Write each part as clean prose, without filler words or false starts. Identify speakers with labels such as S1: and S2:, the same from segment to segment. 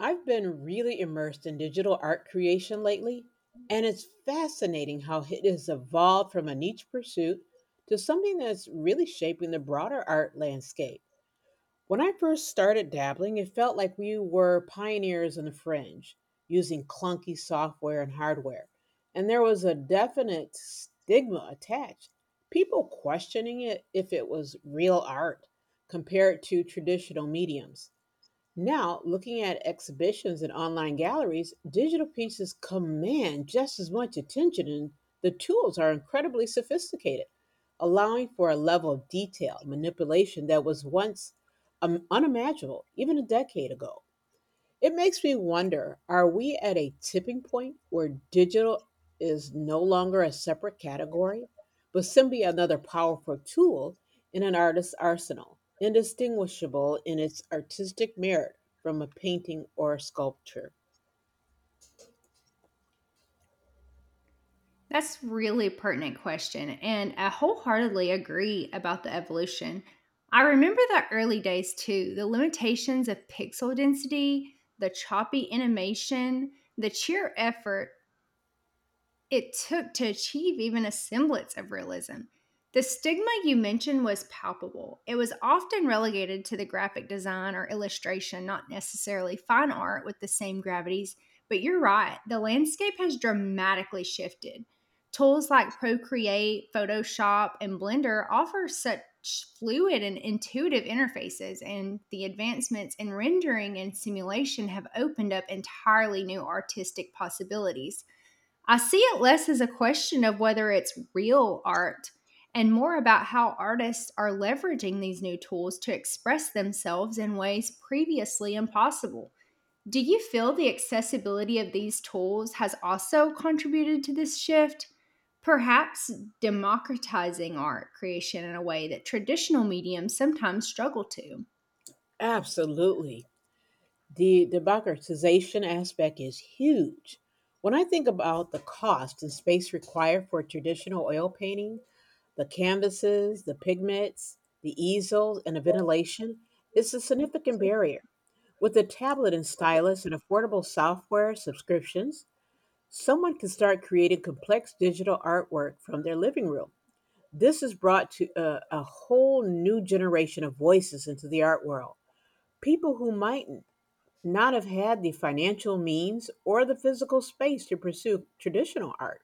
S1: I've been really immersed in digital art creation lately, and it's fascinating how it has evolved from a niche pursuit to something that's really shaping the broader art landscape. When I first started dabbling, it felt like we were pioneers on the fringe, using clunky software and hardware, and there was a definite stigma attached. People questioning it if it was real art compared to traditional mediums. Now, looking at exhibitions and online galleries, digital pieces command just as much attention, and the tools are incredibly sophisticated, allowing for a level of detail manipulation that was once unimaginable even a decade ago. It makes me wonder, are we at a tipping point where digital is no longer a separate category, but simply another powerful tool in an artist's arsenal, indistinguishable in its artistic merit from a painting or a sculpture?
S2: That's really pertinent question, and I wholeheartedly agree about the evolution. I remember the early days too, the limitations of pixel density, the choppy animation, the sheer effort it took to achieve even a semblance of realism. The stigma you mentioned was palpable. It was often relegated to the graphic design or illustration, not necessarily fine art with the same gravities. But you're right, the landscape has dramatically shifted. Tools like Procreate, Photoshop, and Blender offer such fluid and intuitive interfaces, and the advancements in rendering and simulation have opened up entirely new artistic possibilities. I see it less as a question of whether it's real art and more about how artists are leveraging these new tools to express themselves in ways previously impossible. Do you feel the accessibility of these tools has also contributed to this shift? Perhaps democratizing art creation in a way that traditional mediums sometimes struggle to.
S1: Absolutely. The democratization aspect is huge. When I think about the cost and space required for traditional oil painting. The canvases, the pigments, the easels, and the ventilation is a significant barrier. With a tablet and stylus and affordable software subscriptions, someone can start creating complex digital artwork from their living room. This has brought to a whole new generation of voices into the art world. People who might not have had the financial means or the physical space to pursue traditional art.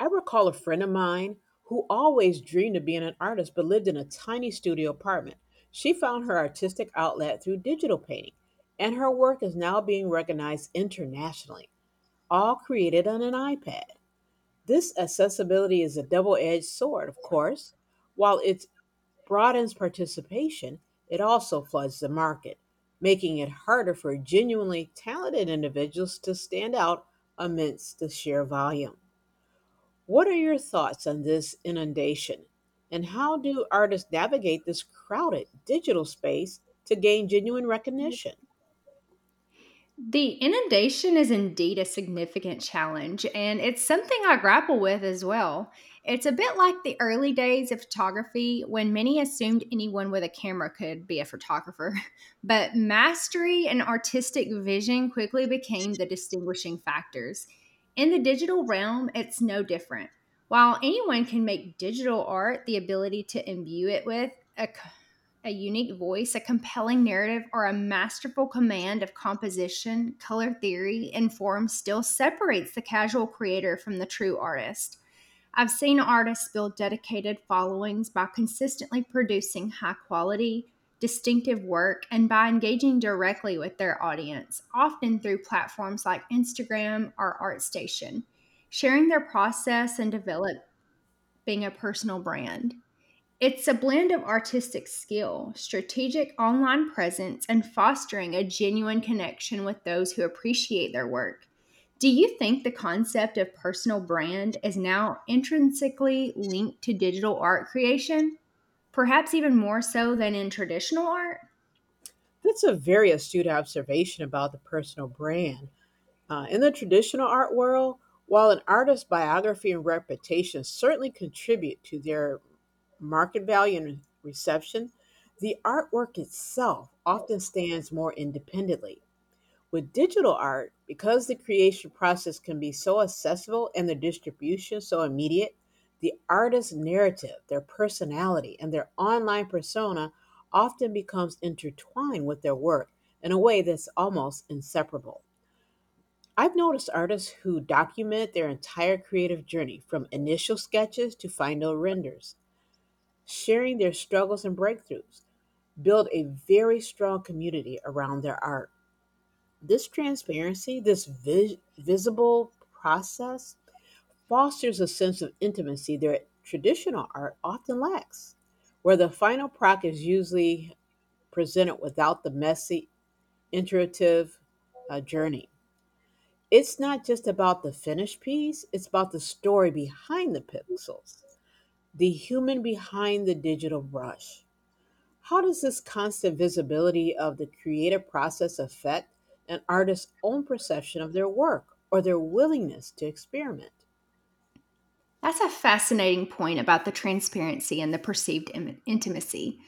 S1: I recall a friend of mine who always dreamed of being an artist but lived in a tiny studio apartment. She found her artistic outlet through digital painting, and her work is now being recognized internationally, all created on an iPad. This accessibility is a double edged sword, of course. While it broadens participation, it also floods the market, making it harder for genuinely talented individuals to stand out amidst the sheer volume. What are your thoughts on this inundation? And how do artists navigate this crowded digital space to gain genuine recognition?
S2: The inundation is indeed a significant challenge, and it's something I grapple with as well. It's a bit like the early days of photography when many assumed anyone with a camera could be a photographer, but mastery and artistic vision quickly became the distinguishing factors. In the digital realm, it's no different. While anyone can make digital art, the ability to imbue it with a a unique voice, a compelling narrative, or a masterful command of composition, color theory, and form still separates the casual creator from the true artist. I've seen artists build dedicated followings by consistently producing high quality, distinctive work and by engaging directly with their audience, often through platforms like Instagram or ArtStation, sharing their process and developing a personal brand. It's a blend of artistic skill, strategic online presence, and fostering a genuine connection with those who appreciate their work. Do you think the concept of personal brand is now intrinsically linked to digital art creation, perhaps even more so than in traditional art?
S1: That's a very astute observation about the personal brand. In the traditional art world, while an artist's biography and reputation certainly contribute to their market value and reception, the artwork itself often stands more independently. With digital art, because the creation process can be so accessible and the distribution so immediate, the artist's narrative, their personality, and their online persona often becomes intertwined with their work in a way that's almost inseparable. I've noticed artists who document their entire creative journey from initial sketches to final renders, sharing their struggles and breakthroughs, build a very strong community around their art. This transparency, this visible process, fosters a sense of intimacy that traditional art often lacks, where the final product is usually presented without the messy, iterative journey. It's not just about the finished piece, it's about the story behind the pixels, the human behind the digital brush. How does this constant visibility of the creative process affect an artist's own perception of their work or their willingness to experiment?
S2: That's a fascinating point about the transparency and the perceived intimacy.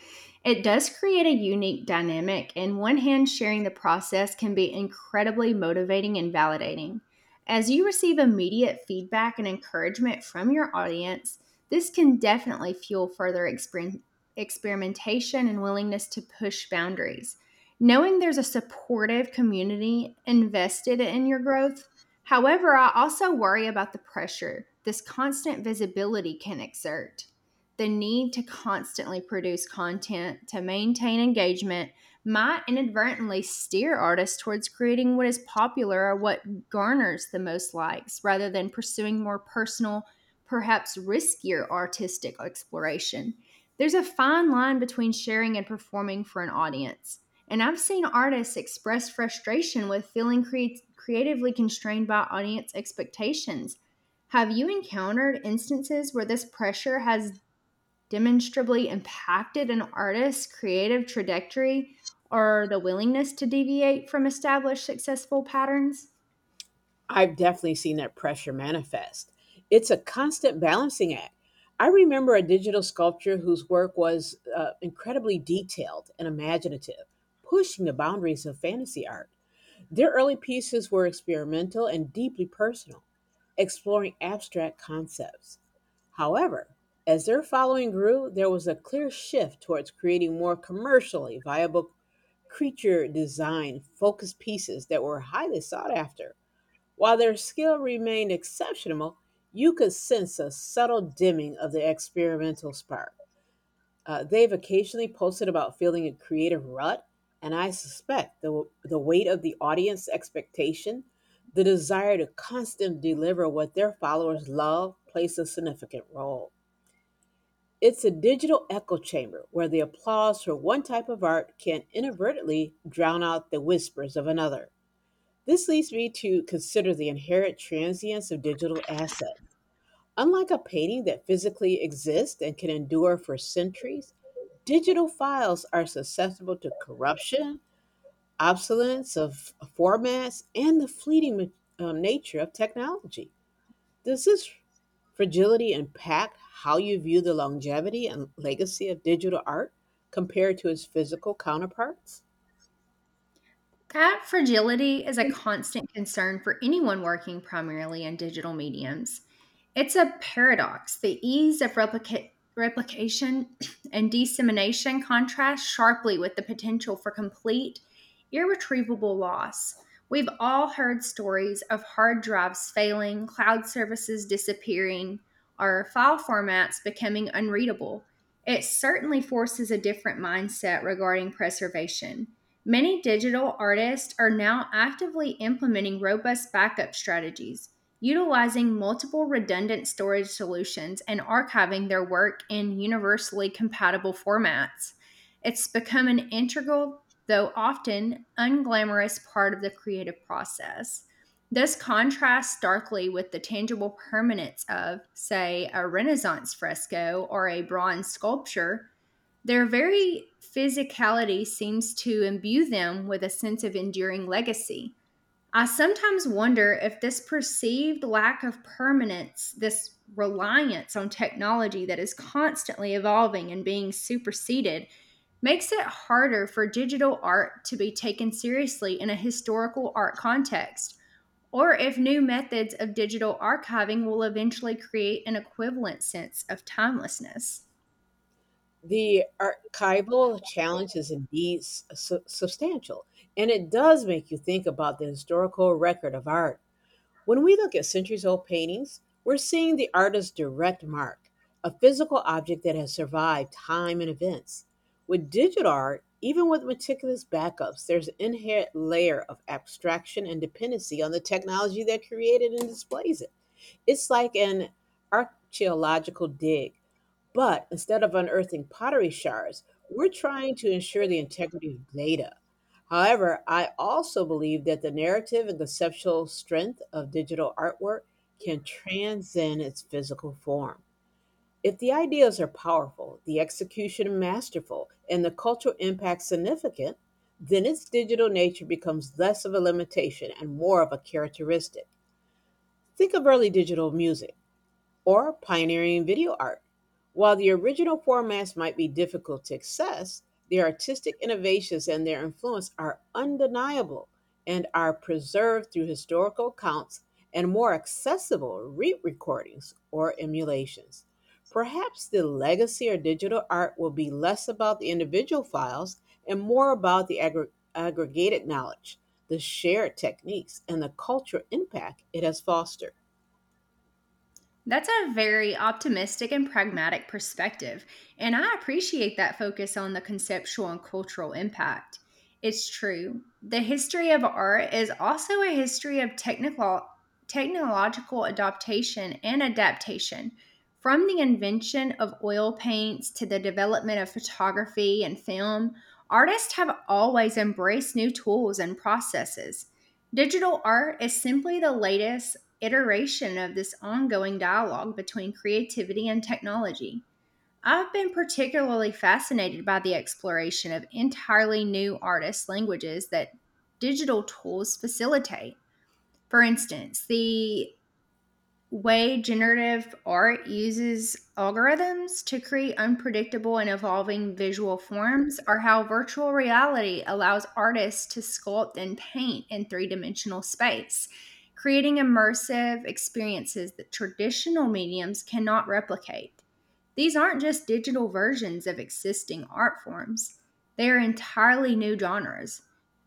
S2: It does create a unique dynamic, and one hand sharing the process can be incredibly motivating and validating. As you receive immediate feedback and encouragement from your audience, this can definitely fuel further experimentation and willingness to push boundaries. Knowing there's a supportive community invested in your growth. However, I also worry about the pressure this constant visibility can exert. The need to constantly produce content to maintain engagement might inadvertently steer artists towards creating what is popular or what garners the most likes rather than pursuing more personal, perhaps riskier artistic exploration. There's a fine line between sharing and performing for an audience, and I've seen artists express frustration with feeling creatively constrained by audience expectations. Have you encountered instances where this pressure has demonstrably impacted an artist's creative trajectory or the willingness to deviate from established successful patterns?
S1: I've definitely seen that pressure manifest. It's a constant balancing act. I remember a digital sculptor whose work was incredibly detailed and imaginative, pushing the boundaries of fantasy art. Their early pieces were experimental and deeply personal, exploring abstract concepts. However, as their following grew, there was a clear shift towards creating more commercially viable creature design focused pieces that were highly sought after. While their skill remained exceptional, you could sense a subtle dimming of the experimental spark. They've occasionally posted about feeling a creative rut, and I suspect the weight of the audience expectation, the desire to constantly deliver what their followers love, plays a significant role. It's a digital echo chamber where the applause for one type of art can inadvertently drown out the whispers of another. This leads me to consider the inherent transience of digital assets. Unlike a painting that physically exists and can endure for centuries, digital files are susceptible to corruption, obsolescence of formats, and the fleeting nature of technology. Does this fragility impact how you view the longevity and legacy of digital art compared to its physical counterparts?
S2: That fragility is a constant concern for anyone working primarily in digital mediums. It's a paradox. The ease of replication and dissemination contrasts sharply with the potential for complete, irretrievable loss. We've all heard stories of hard drives failing, cloud services disappearing, or file formats becoming unreadable. It certainly forces a different mindset regarding preservation. Many digital artists are now actively implementing robust backup strategies, utilizing multiple redundant storage solutions and archiving their work in universally compatible formats. It's become an integral, though often unglamorous, part of the creative process. This contrasts starkly with the tangible permanence of, say, a Renaissance fresco or a bronze sculpture, their very physicality seems to imbue them with a sense of enduring legacy. I sometimes wonder if this perceived lack of permanence, this reliance on technology that is constantly evolving and being superseded, makes it harder for digital art to be taken seriously in a historical art context, or if new methods of digital archiving will eventually create an equivalent sense of timelessness.
S1: The archival challenge is indeed substantial, and it does make you think about the historical record of art. When we look at centuries old paintings, we're seeing the artist's direct mark, a physical object that has survived time and events. With digital art, even with meticulous backups, there's an inherent layer of abstraction and dependency on the technology that created and displays it. It's like an archaeological dig. But instead of unearthing pottery shards, we're trying to ensure the integrity of data. However, I also believe that the narrative and conceptual strength of digital artwork can transcend its physical form. If the ideas are powerful, the execution masterful, and the cultural impact significant, then its digital nature becomes less of a limitation and more of a characteristic. Think of early digital music or pioneering video art. While the original formats might be difficult to access, their artistic innovations and their influence are undeniable and are preserved through historical accounts and more accessible re recordings or emulations. Perhaps the legacy of digital art will be less about the individual files and more about the aggregated knowledge, the shared techniques, and the cultural impact it has fostered.
S2: That's a very optimistic and pragmatic perspective, and I appreciate that focus on the conceptual and cultural impact. It's true. The history of art is also a history of technological adaptation. From the invention of oil paints to the development of photography and film, artists have always embraced new tools and processes. Digital art is simply the latest iteration of this ongoing dialogue between creativity and technology. I've been particularly fascinated by the exploration of entirely new artists' languages that digital tools facilitate. For instance, the way generative art uses algorithms to create unpredictable and evolving visual forms, or how virtual reality allows artists to sculpt and paint in three dimensional space, creating immersive experiences that traditional mediums cannot replicate. These aren't just digital versions of existing art forms, they are entirely new genres.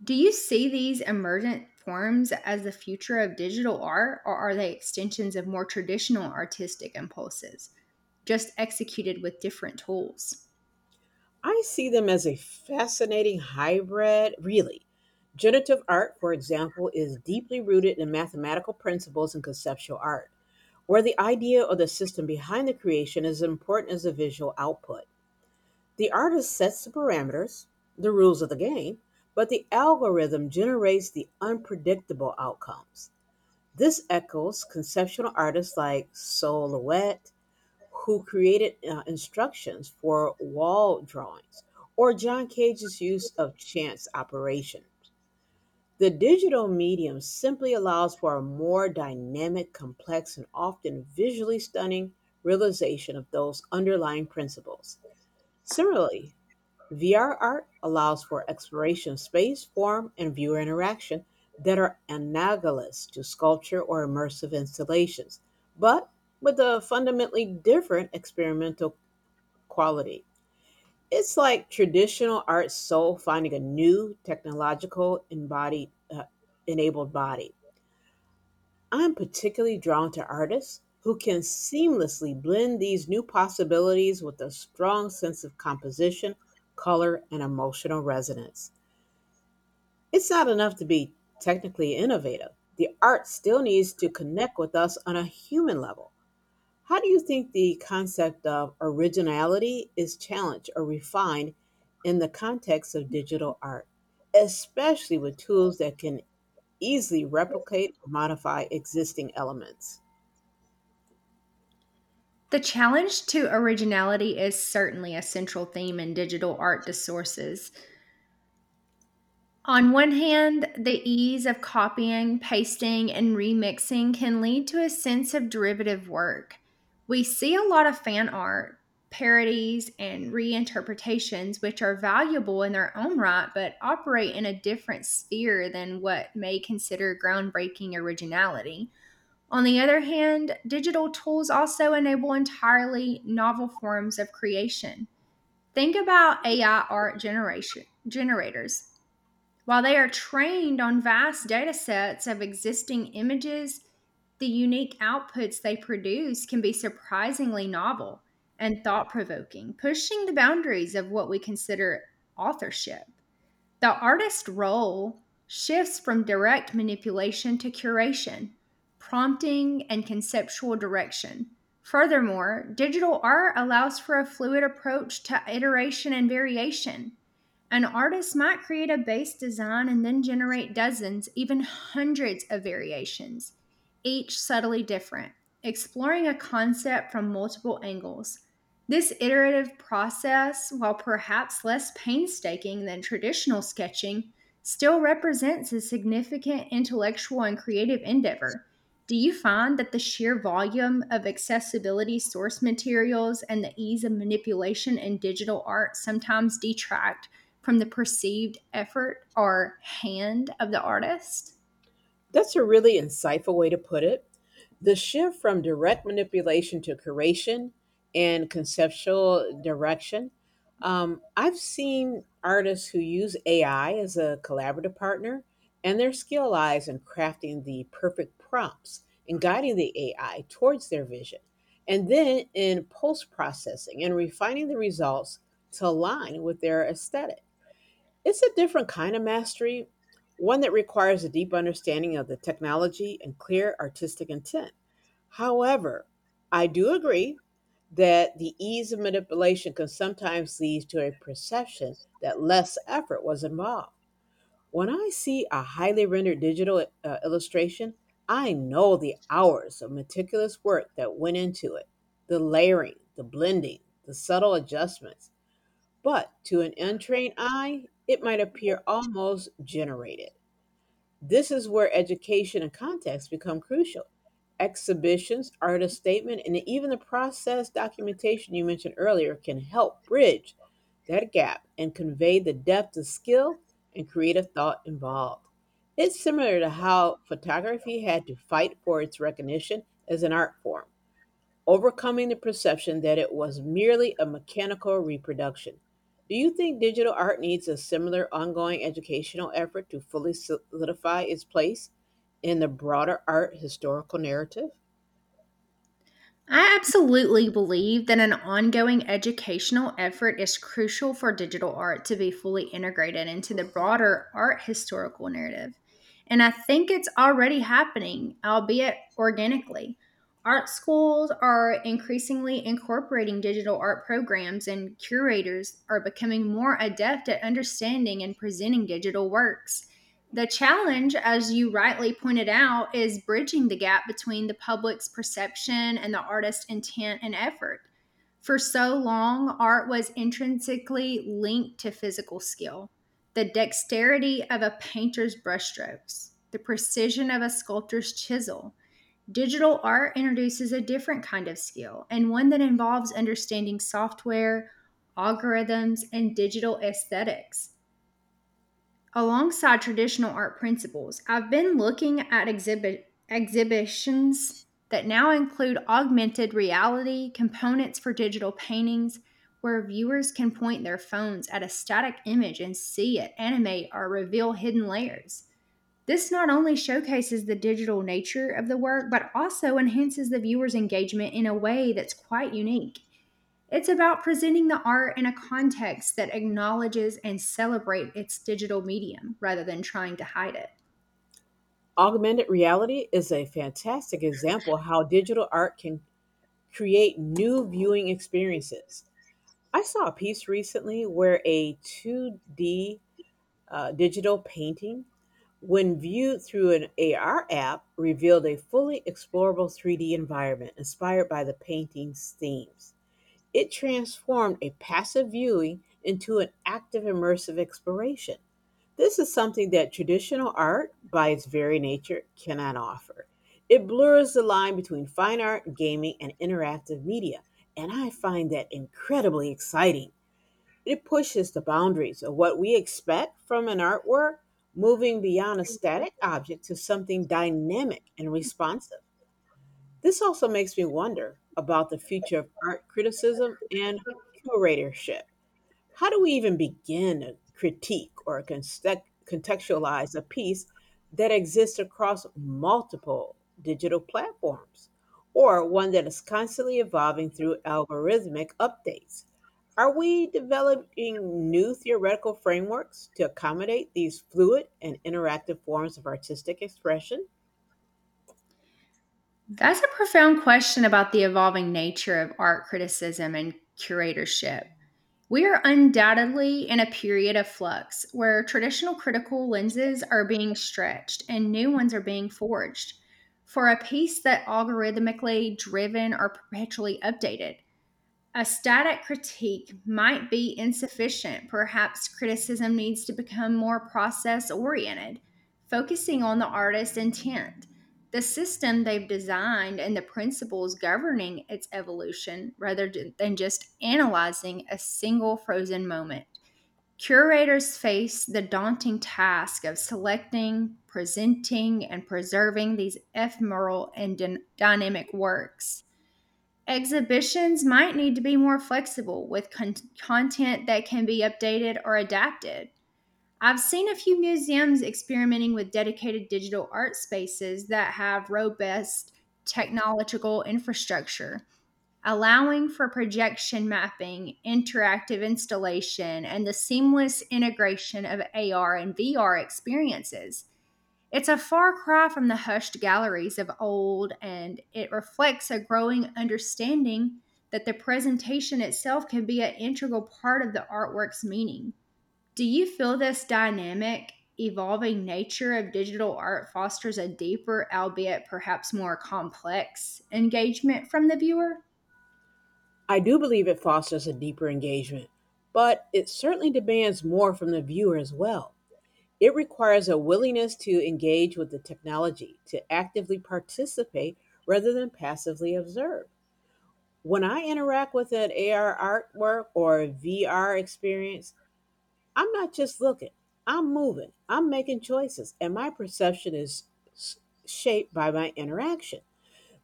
S2: Do you see these emergent forms as the future of digital art, or are they extensions of more traditional artistic impulses, just executed with different tools?
S1: I see them as a fascinating hybrid, really. Generative art, for example, is deeply rooted in mathematical principles and conceptual art, where the idea or the system behind the creation is as important as the visual output. The artist sets the parameters, the rules of the game, but the algorithm generates the unpredictable outcomes. This echoes conceptual artists like Solowet who created instructions for wall drawings, or John Cage's use of chance operations. The digital medium simply allows for a more dynamic, complex, and often visually stunning realization of those underlying principles. Similarly, VR art allows for exploration of space, form, and viewer interaction that are analogous to sculpture or immersive installations, but with a fundamentally different experimental quality. It's like traditional art soul finding a new technological embodied enabled body. I'm particularly drawn to artists who can seamlessly blend these new possibilities with a strong sense of composition, color, and emotional resonance. It's not enough to be technically innovative. The art still needs to connect with us on a human level. How do you think the concept of originality is challenged or refined in the context of digital art, especially with tools that can easily replicate or modify existing elements?
S2: The challenge to originality is certainly a central theme in digital art discourses. On one hand, the ease of copying, pasting, and remixing can lead to a sense of derivative work. We see a lot of fan art, parodies, and reinterpretations, which are valuable in their own right but operate in a different sphere than what may consider groundbreaking originality. On the other hand, digital tools also enable entirely novel forms of creation. Think about AI art generators, while they are trained on vast data sets of existing images, the unique outputs they produce can be surprisingly novel and thought provoking, pushing the boundaries of what we consider authorship. The artist role shifts from direct manipulation to curation, prompting, and conceptual direction. Furthermore, digital art allows for a fluid approach to iteration and variation. An artist might create a base design and then generate dozens, even hundreds of variations, each subtly different, exploring a concept from multiple angles. This iterative process, while perhaps less painstaking than traditional sketching, still represents a significant intellectual and creative endeavor. Do you find that the sheer volume of accessibility source materials and the ease of manipulation in digital art sometimes detract from the perceived effort or hand of the artist?
S1: That's a really insightful way to put it. The shift from direct manipulation to curation and conceptual direction. I've seen artists who use AI as a collaborative partner, and their skill lies in crafting the perfect prompts and guiding the AI towards their vision, and then in post processing and refining the results to align with their aesthetic. It's a different kind of mastery, one that requires a deep understanding of the technology and clear artistic intent. However, I do agree that the ease of manipulation can sometimes lead to a perception that less effort was involved. When I see a highly rendered digital illustration, I know the hours of meticulous work that went into it the layering, the blending, the subtle adjustments. But to an untrained eye, it might appear almost generated. This is where education and context become crucial. Exhibitions, artist statement, and even the process documentation you mentioned earlier can help bridge that gap and convey the depth of skill and creative thought involved. It's similar to how photography had to fight for its recognition as an art form overcoming the perception that it was merely a mechanical reproduction. Do you think digital art needs a similar ongoing educational effort to fully solidify its place in the broader art historical narrative?
S2: I absolutely believe that an ongoing educational effort is crucial for digital art to be fully integrated into the broader art historical narrative. And I think it's already happening, albeit organically. Art schools are increasingly incorporating digital art programs, and curators are becoming more adept at understanding and presenting digital works. The challenge, as you rightly pointed out, is bridging the gap between the public's perception and the artist's intent and effort. For so long, art was intrinsically linked to physical skill. The dexterity of a painter's brushstrokes, the precision of a sculptor's chisel. Digital art introduces a different kind of skill and one that involves understanding software, algorithms, and digital aesthetics. Alongside traditional art principles, I've been looking at exhibitions that now include augmented reality components for digital paintings where viewers can point their phones at a static image and see it animate or reveal hidden layers. This not only showcases the digital nature of the work, but also enhances the viewer's engagement in a way that's quite unique. It's about presenting the art in a context that acknowledges and celebrates its digital medium rather than trying to hide it.
S1: Augmented reality is a fantastic example how digital art can create new viewing experiences. I saw a piece recently where a 2D digital painting when viewed through an AR app, revealed a fully explorable 3D environment inspired by the painting's themes. It transformed a passive viewing into an active immersive exploration. This is something that traditional art, by its very nature, cannot offer. It blurs the line between fine art, gaming, and interactive media, and I find that incredibly exciting. It pushes the boundaries of what we expect from an artwork, moving beyond a static object to something dynamic and responsive. This also makes me wonder about the future of art criticism and curatorship. How do we even begin a critique or contextualize a piece that exists across multiple digital platforms or one that is constantly evolving through algorithmic updates? Are we developing new theoretical frameworks to accommodate these fluid and interactive forms of artistic expression?
S2: That's a profound question about the evolving nature of art criticism and curatorship. We are undoubtedly in a period of flux where traditional critical lenses are being stretched and new ones are being forged for a piece that algorithmically driven or perpetually updated. A static critique might be insufficient. Perhaps criticism needs to become more process oriented, focusing on the artist's intent, the system they've designed, and the principles governing its evolution rather than just analyzing a single frozen moment. Curators face the daunting task of selecting, presenting, and preserving these ephemeral and dynamic works. Exhibitions might need to be more flexible with content that can be updated or adapted. I've seen a few museums experimenting with dedicated digital art spaces that have robust technological infrastructure, allowing for projection mapping, interactive installation, and the seamless integration of AR and VR experiences. It's a far cry from the hushed galleries of old, and it reflects a growing understanding that the presentation itself can be an integral part of the artwork's meaning. Do you feel this dynamic, evolving nature of digital art fosters a deeper, albeit perhaps more complex, engagement from the viewer?
S1: I do believe it fosters a deeper engagement, but it certainly demands more from the viewer as well. It requires a willingness to engage with the technology, to actively participate rather than passively observe. When I interact with an AR artwork or a VR experience, I'm not just looking, I'm moving, I'm making choices, and my perception is shaped by my interaction.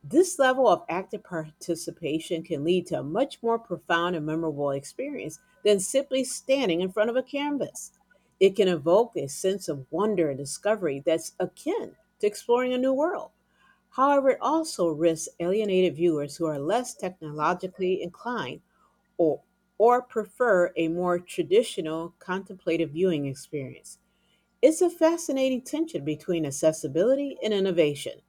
S1: This level of active participation can lead to a much more profound and memorable experience than simply standing in front of a canvas. It can evoke a sense of wonder and discovery that's akin to exploring a new world. However, it also risks alienated viewers who are less technologically inclined or, or prefer a more traditional contemplative viewing experience. It's a fascinating tension between accessibility and innovation.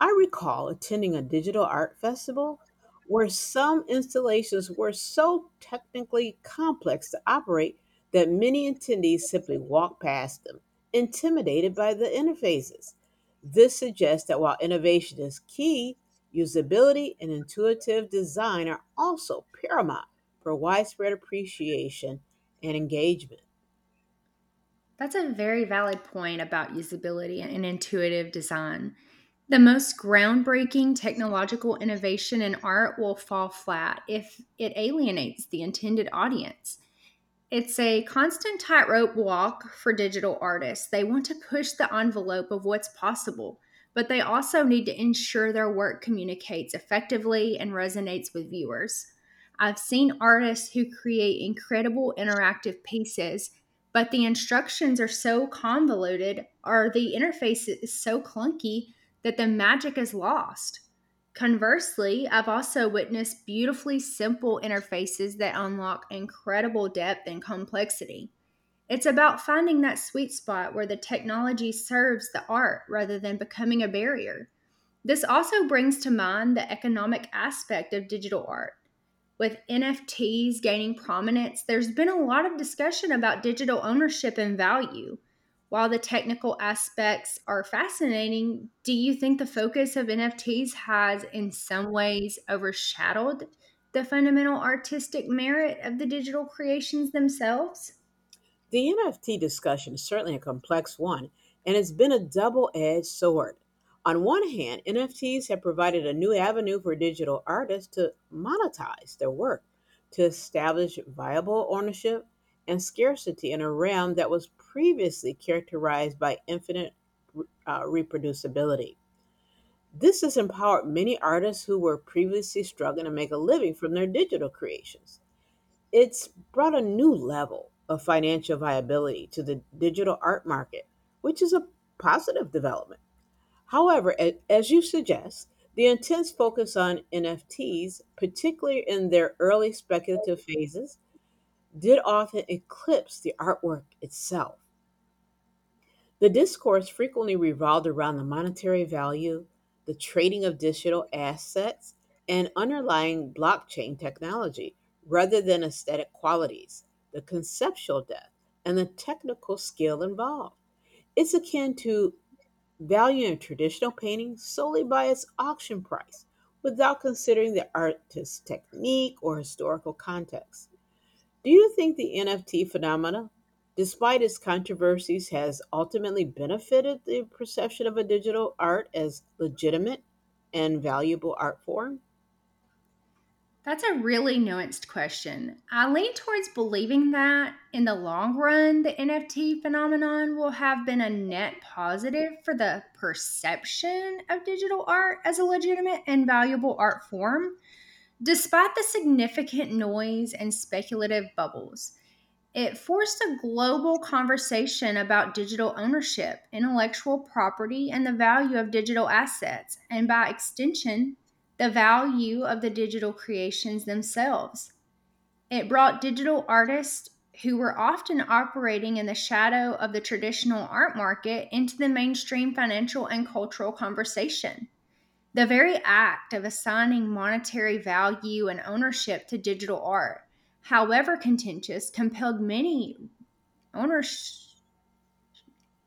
S1: I recall attending a digital art festival where some installations were so technically complex to operate that many attendees simply walked past them, intimidated by the interfaces. This suggests that while innovation is key, usability and intuitive design are also paramount for widespread appreciation and engagement.
S2: That's a very valid point about usability and intuitive design. The most groundbreaking technological innovation in art will fall flat if it alienates the intended audience. It's a constant tightrope walk for digital artists. They want to push the envelope of what's possible, but they also need to ensure their work communicates effectively and resonates with viewers. I've seen artists who create incredible interactive pieces, but the instructions are so convoluted or the interface is so clunky that the magic is lost. Conversely, I've also witnessed beautifully simple interfaces that unlock incredible depth and complexity. It's about finding that sweet spot where the technology serves the art rather than becoming a barrier. This also brings to mind the economic aspect of digital art. With NFTs gaining prominence, there's been a lot of discussion about digital ownership and value. While the technical aspects are fascinating, do you think the focus of NFTs has in some ways overshadowed the fundamental artistic merit of the digital creations themselves?
S1: The NFT discussion is certainly a complex one, and it's been a double edged sword. On one hand, NFTs have provided a new avenue for digital artists to monetize their work, to establish viable ownership and scarcity in a realm that was previously characterized by infinite reproducibility. This has empowered many artists who were previously struggling to make a living from their digital creations. It's brought a new level of financial viability to the digital art market, which is a positive development. However, as you suggest, the intense focus on NFTs, particularly in their early speculative phases, did often eclipse the artwork itself. The discourse frequently revolved around the monetary value, the trading of digital assets, and underlying blockchain technology, rather than aesthetic qualities, the conceptual depth, and the technical skill involved. It's akin to valuing a traditional painting solely by its auction price, without considering the artist's technique or historical context. Do you think the NFT phenomena, despite its controversies, has ultimately benefited the perception of a digital art as legitimate and valuable art form?
S2: That's a really nuanced question. I lean towards believing that in the long run, the NFT phenomenon will have been a net positive for the perception of digital art as a legitimate and valuable art form, despite the significant noise and speculative bubbles. It forced a global conversation about digital ownership, intellectual property, and the value of digital assets, and by extension, the value of the digital creations themselves. It brought digital artists who were often operating in the shadow of the traditional art market into the mainstream financial and cultural conversation. The very act of assigning monetary value and ownership to digital art, however contentious, compelled many owners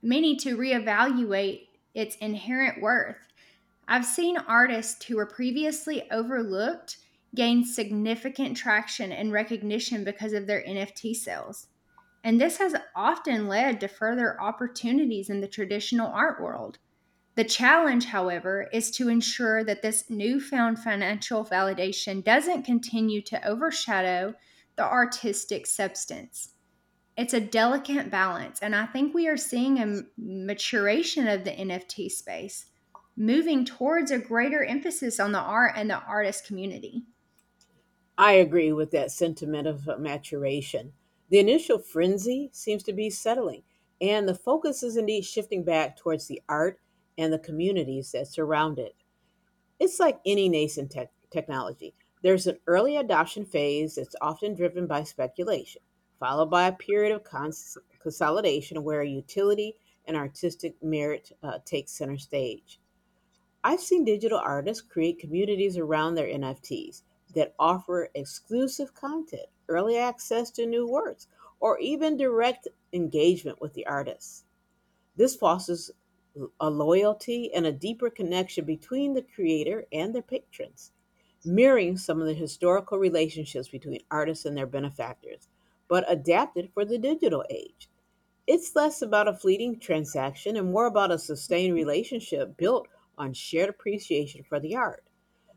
S2: may need to reevaluate its inherent worth. I've seen artists who were previously overlooked gain significant traction and recognition because of their NFT sales. And this has often led to further opportunities in the traditional art world. The challenge, however, is to ensure that this newfound financial validation doesn't continue to overshadow the artistic substance. It's a delicate balance. And I think we are seeing a maturation of the NFT space, moving towards a greater emphasis on the art and the artist community.
S1: I agree with that sentiment of maturation. The initial frenzy seems to be settling, and the focus is indeed shifting back towards the art and the communities that surround it. It's like any nascent technology. There's an early adoption phase that's often driven by speculation, followed by a period of consolidation where utility and artistic merit take center stage. I've seen digital artists create communities around their NFTs that offer exclusive content, early access to new works, or even direct engagement with the artists. This fosters a loyalty and a deeper connection between the creator and their patrons, mirroring some of the historical relationships between artists and their benefactors, but adapted for the digital age. It's less about a fleeting transaction and more about a sustained relationship built on shared appreciation for the art.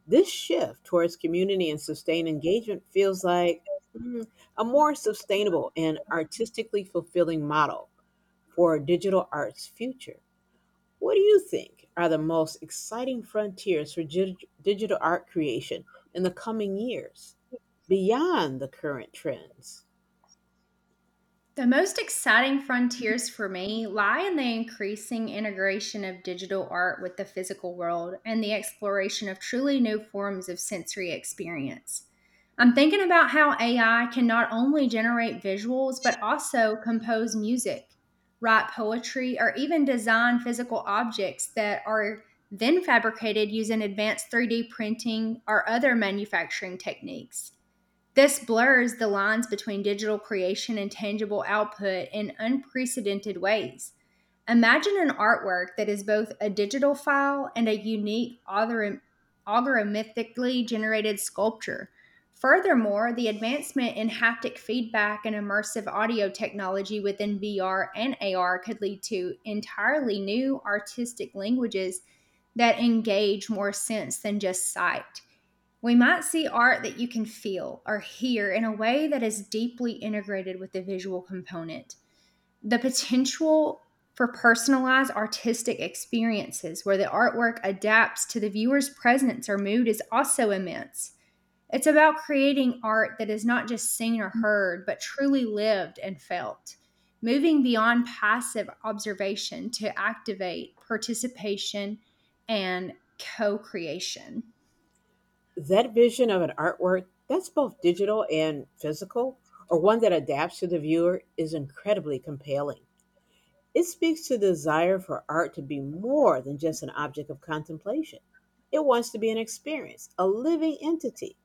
S1: This shift towards community and sustained engagement feels like mm, a more sustainable and artistically fulfilling model for digital art's future. What do you think are the most exciting frontiers for digital art creation in the coming years beyond the current trends?
S2: The most exciting frontiers for me lie in the increasing integration of digital art with the physical world and the exploration of truly new forms of sensory experience. I'm thinking about how AI can not only generate visuals, but also compose music, write poetry, or even design physical objects that are then fabricated using advanced 3D printing or other manufacturing techniques. This blurs the lines between digital creation and tangible output in unprecedented ways. Imagine an artwork that is both a digital file and a unique, algorithmically generated sculpture. Furthermore, the advancement in haptic feedback and immersive audio technology within VR and AR could lead to entirely new artistic languages that engage more sense than just sight. We might see art that you can feel or hear in a way that is deeply integrated with the visual component. The potential for personalized artistic experiences where the artwork adapts to the viewer's presence or mood is also immense. It's about creating art that is not just seen or heard, but truly lived and felt, moving beyond passive observation to activate participation and co creation.
S1: That vision of an artwork that's both digital and physical, or one that adapts to the viewer, is incredibly compelling. It speaks to the desire for art to be more than just an object of contemplation. It wants to be an experience, a living entity.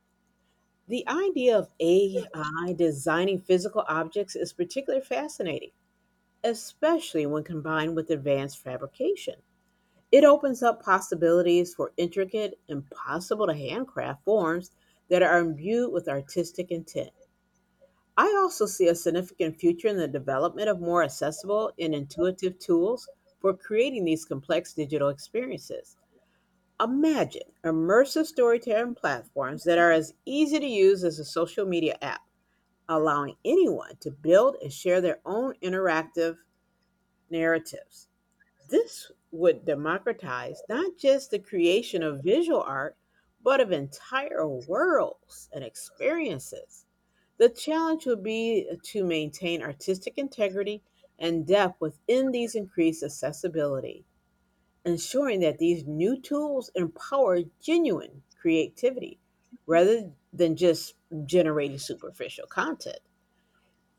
S1: The idea of AI designing physical objects is particularly fascinating, especially when combined with advanced fabrication. It opens up possibilities for intricate, impossible to handcraft forms that are imbued with artistic intent. I also see a significant future in the development of more accessible and intuitive tools for creating these complex digital experiences. Imagine immersive storytelling platforms that are as easy to use as a social media app, allowing anyone to build and share their own interactive narratives. This would democratize not just the creation of visual art, but of entire worlds and experiences. The challenge would be to maintain artistic integrity and depth within these increased accessibility, ensuring that these new tools empower genuine creativity rather than just generating superficial content.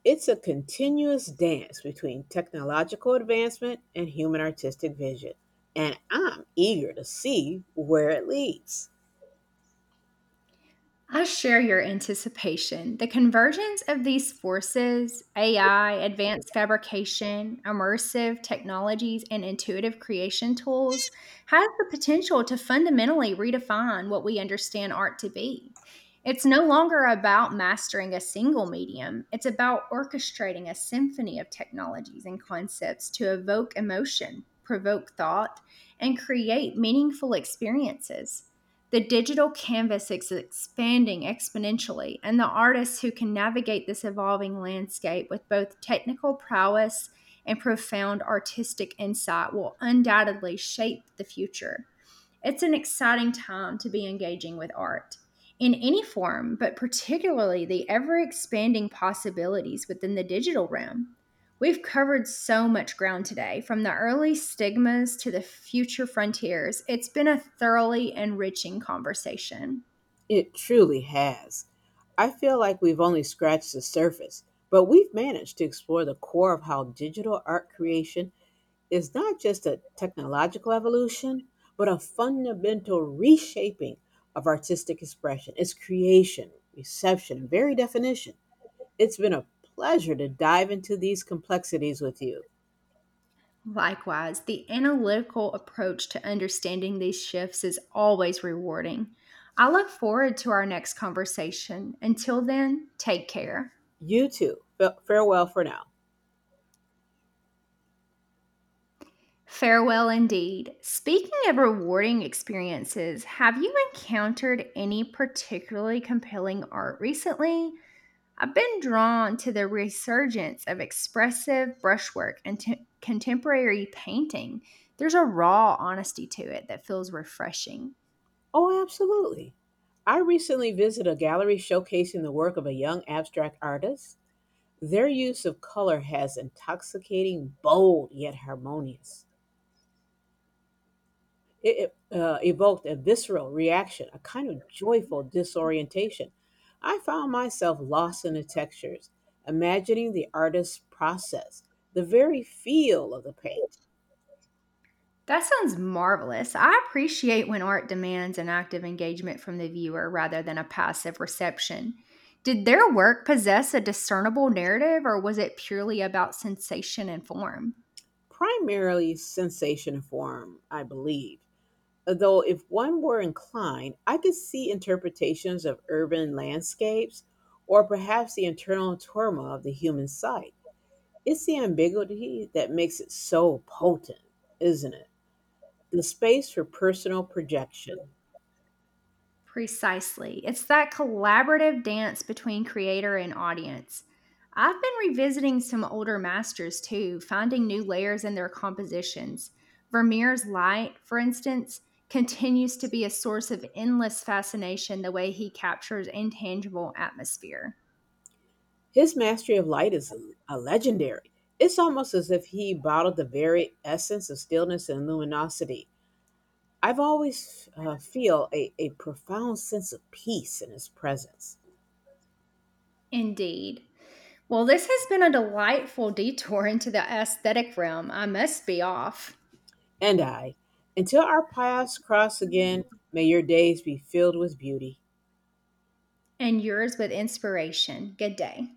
S1: It's a continuous dance between technological advancement and human artistic vision, and I'm eager to see where it leads.
S2: I share your anticipation. The convergence of these forces, AI, advanced fabrication, immersive technologies, and intuitive creation tools, has the potential to fundamentally redefine what we understand art to be. It's no longer about mastering a single medium, it's about orchestrating a symphony of technologies and concepts to evoke emotion, provoke thought, and create meaningful experiences. The digital canvas is expanding exponentially, and the artists who can navigate this evolving landscape with both technical prowess and profound artistic insight will undoubtedly shape the future. It's an exciting time to be engaging with art in any form, but particularly the ever expanding possibilities within the digital realm. We've covered so much ground today, from the early stigmas to the future frontiers. It's been a thoroughly enriching conversation.
S1: It truly has. I feel like we've only scratched the surface, but we've managed to explore the core of how digital art creation is not just a technological evolution, but a fundamental reshaping of artistic expression, its creation, reception, and very definition. It's been a pleasure to dive into these complexities with you.
S2: Likewise, the analytical approach to understanding these shifts is always rewarding. I look forward to our next conversation. Until then, take care.
S1: You too. Farewell for now.
S2: Farewell indeed. Speaking of rewarding experiences, have you encountered any particularly compelling art recently? I've been drawn to the resurgence of expressive brushwork and contemporary painting. There's a raw honesty to it that feels refreshing.
S1: Oh, absolutely. I recently visited a gallery showcasing the work of a young abstract artist. Their use of color has intoxicating, bold, yet harmonious. It evoked a visceral reaction, a kind of joyful disorientation. I found myself lost in the textures, imagining the artist's process, the very feel of the paint.
S2: That sounds marvelous. I appreciate when art demands an active engagement from the viewer rather than a passive reception. Did their work possess a discernible narrative, or was it purely about sensation and form?
S1: Primarily sensation form, I believe. Though, if one were inclined, I could see interpretations of urban landscapes or perhaps the internal turmoil of the human sight. It's the ambiguity that makes it so potent, isn't it? The space for personal projection.
S2: Precisely. It's that collaborative dance between creator and audience. I've been revisiting some older masters too, finding new layers in their compositions. Vermeer's Light, for instance, continues to be a source of endless fascination, the way he captures intangible atmosphere.
S1: His mastery of light is a legendary. It's almost as if he bottled the very essence of stillness and luminosity. I've always feel a profound sense of peace in his presence.
S2: Indeed. Well, this has been a delightful detour into the aesthetic realm. I must be off.
S1: And I, until our paths cross again, may your days be filled with beauty.
S2: And yours with inspiration. Good day.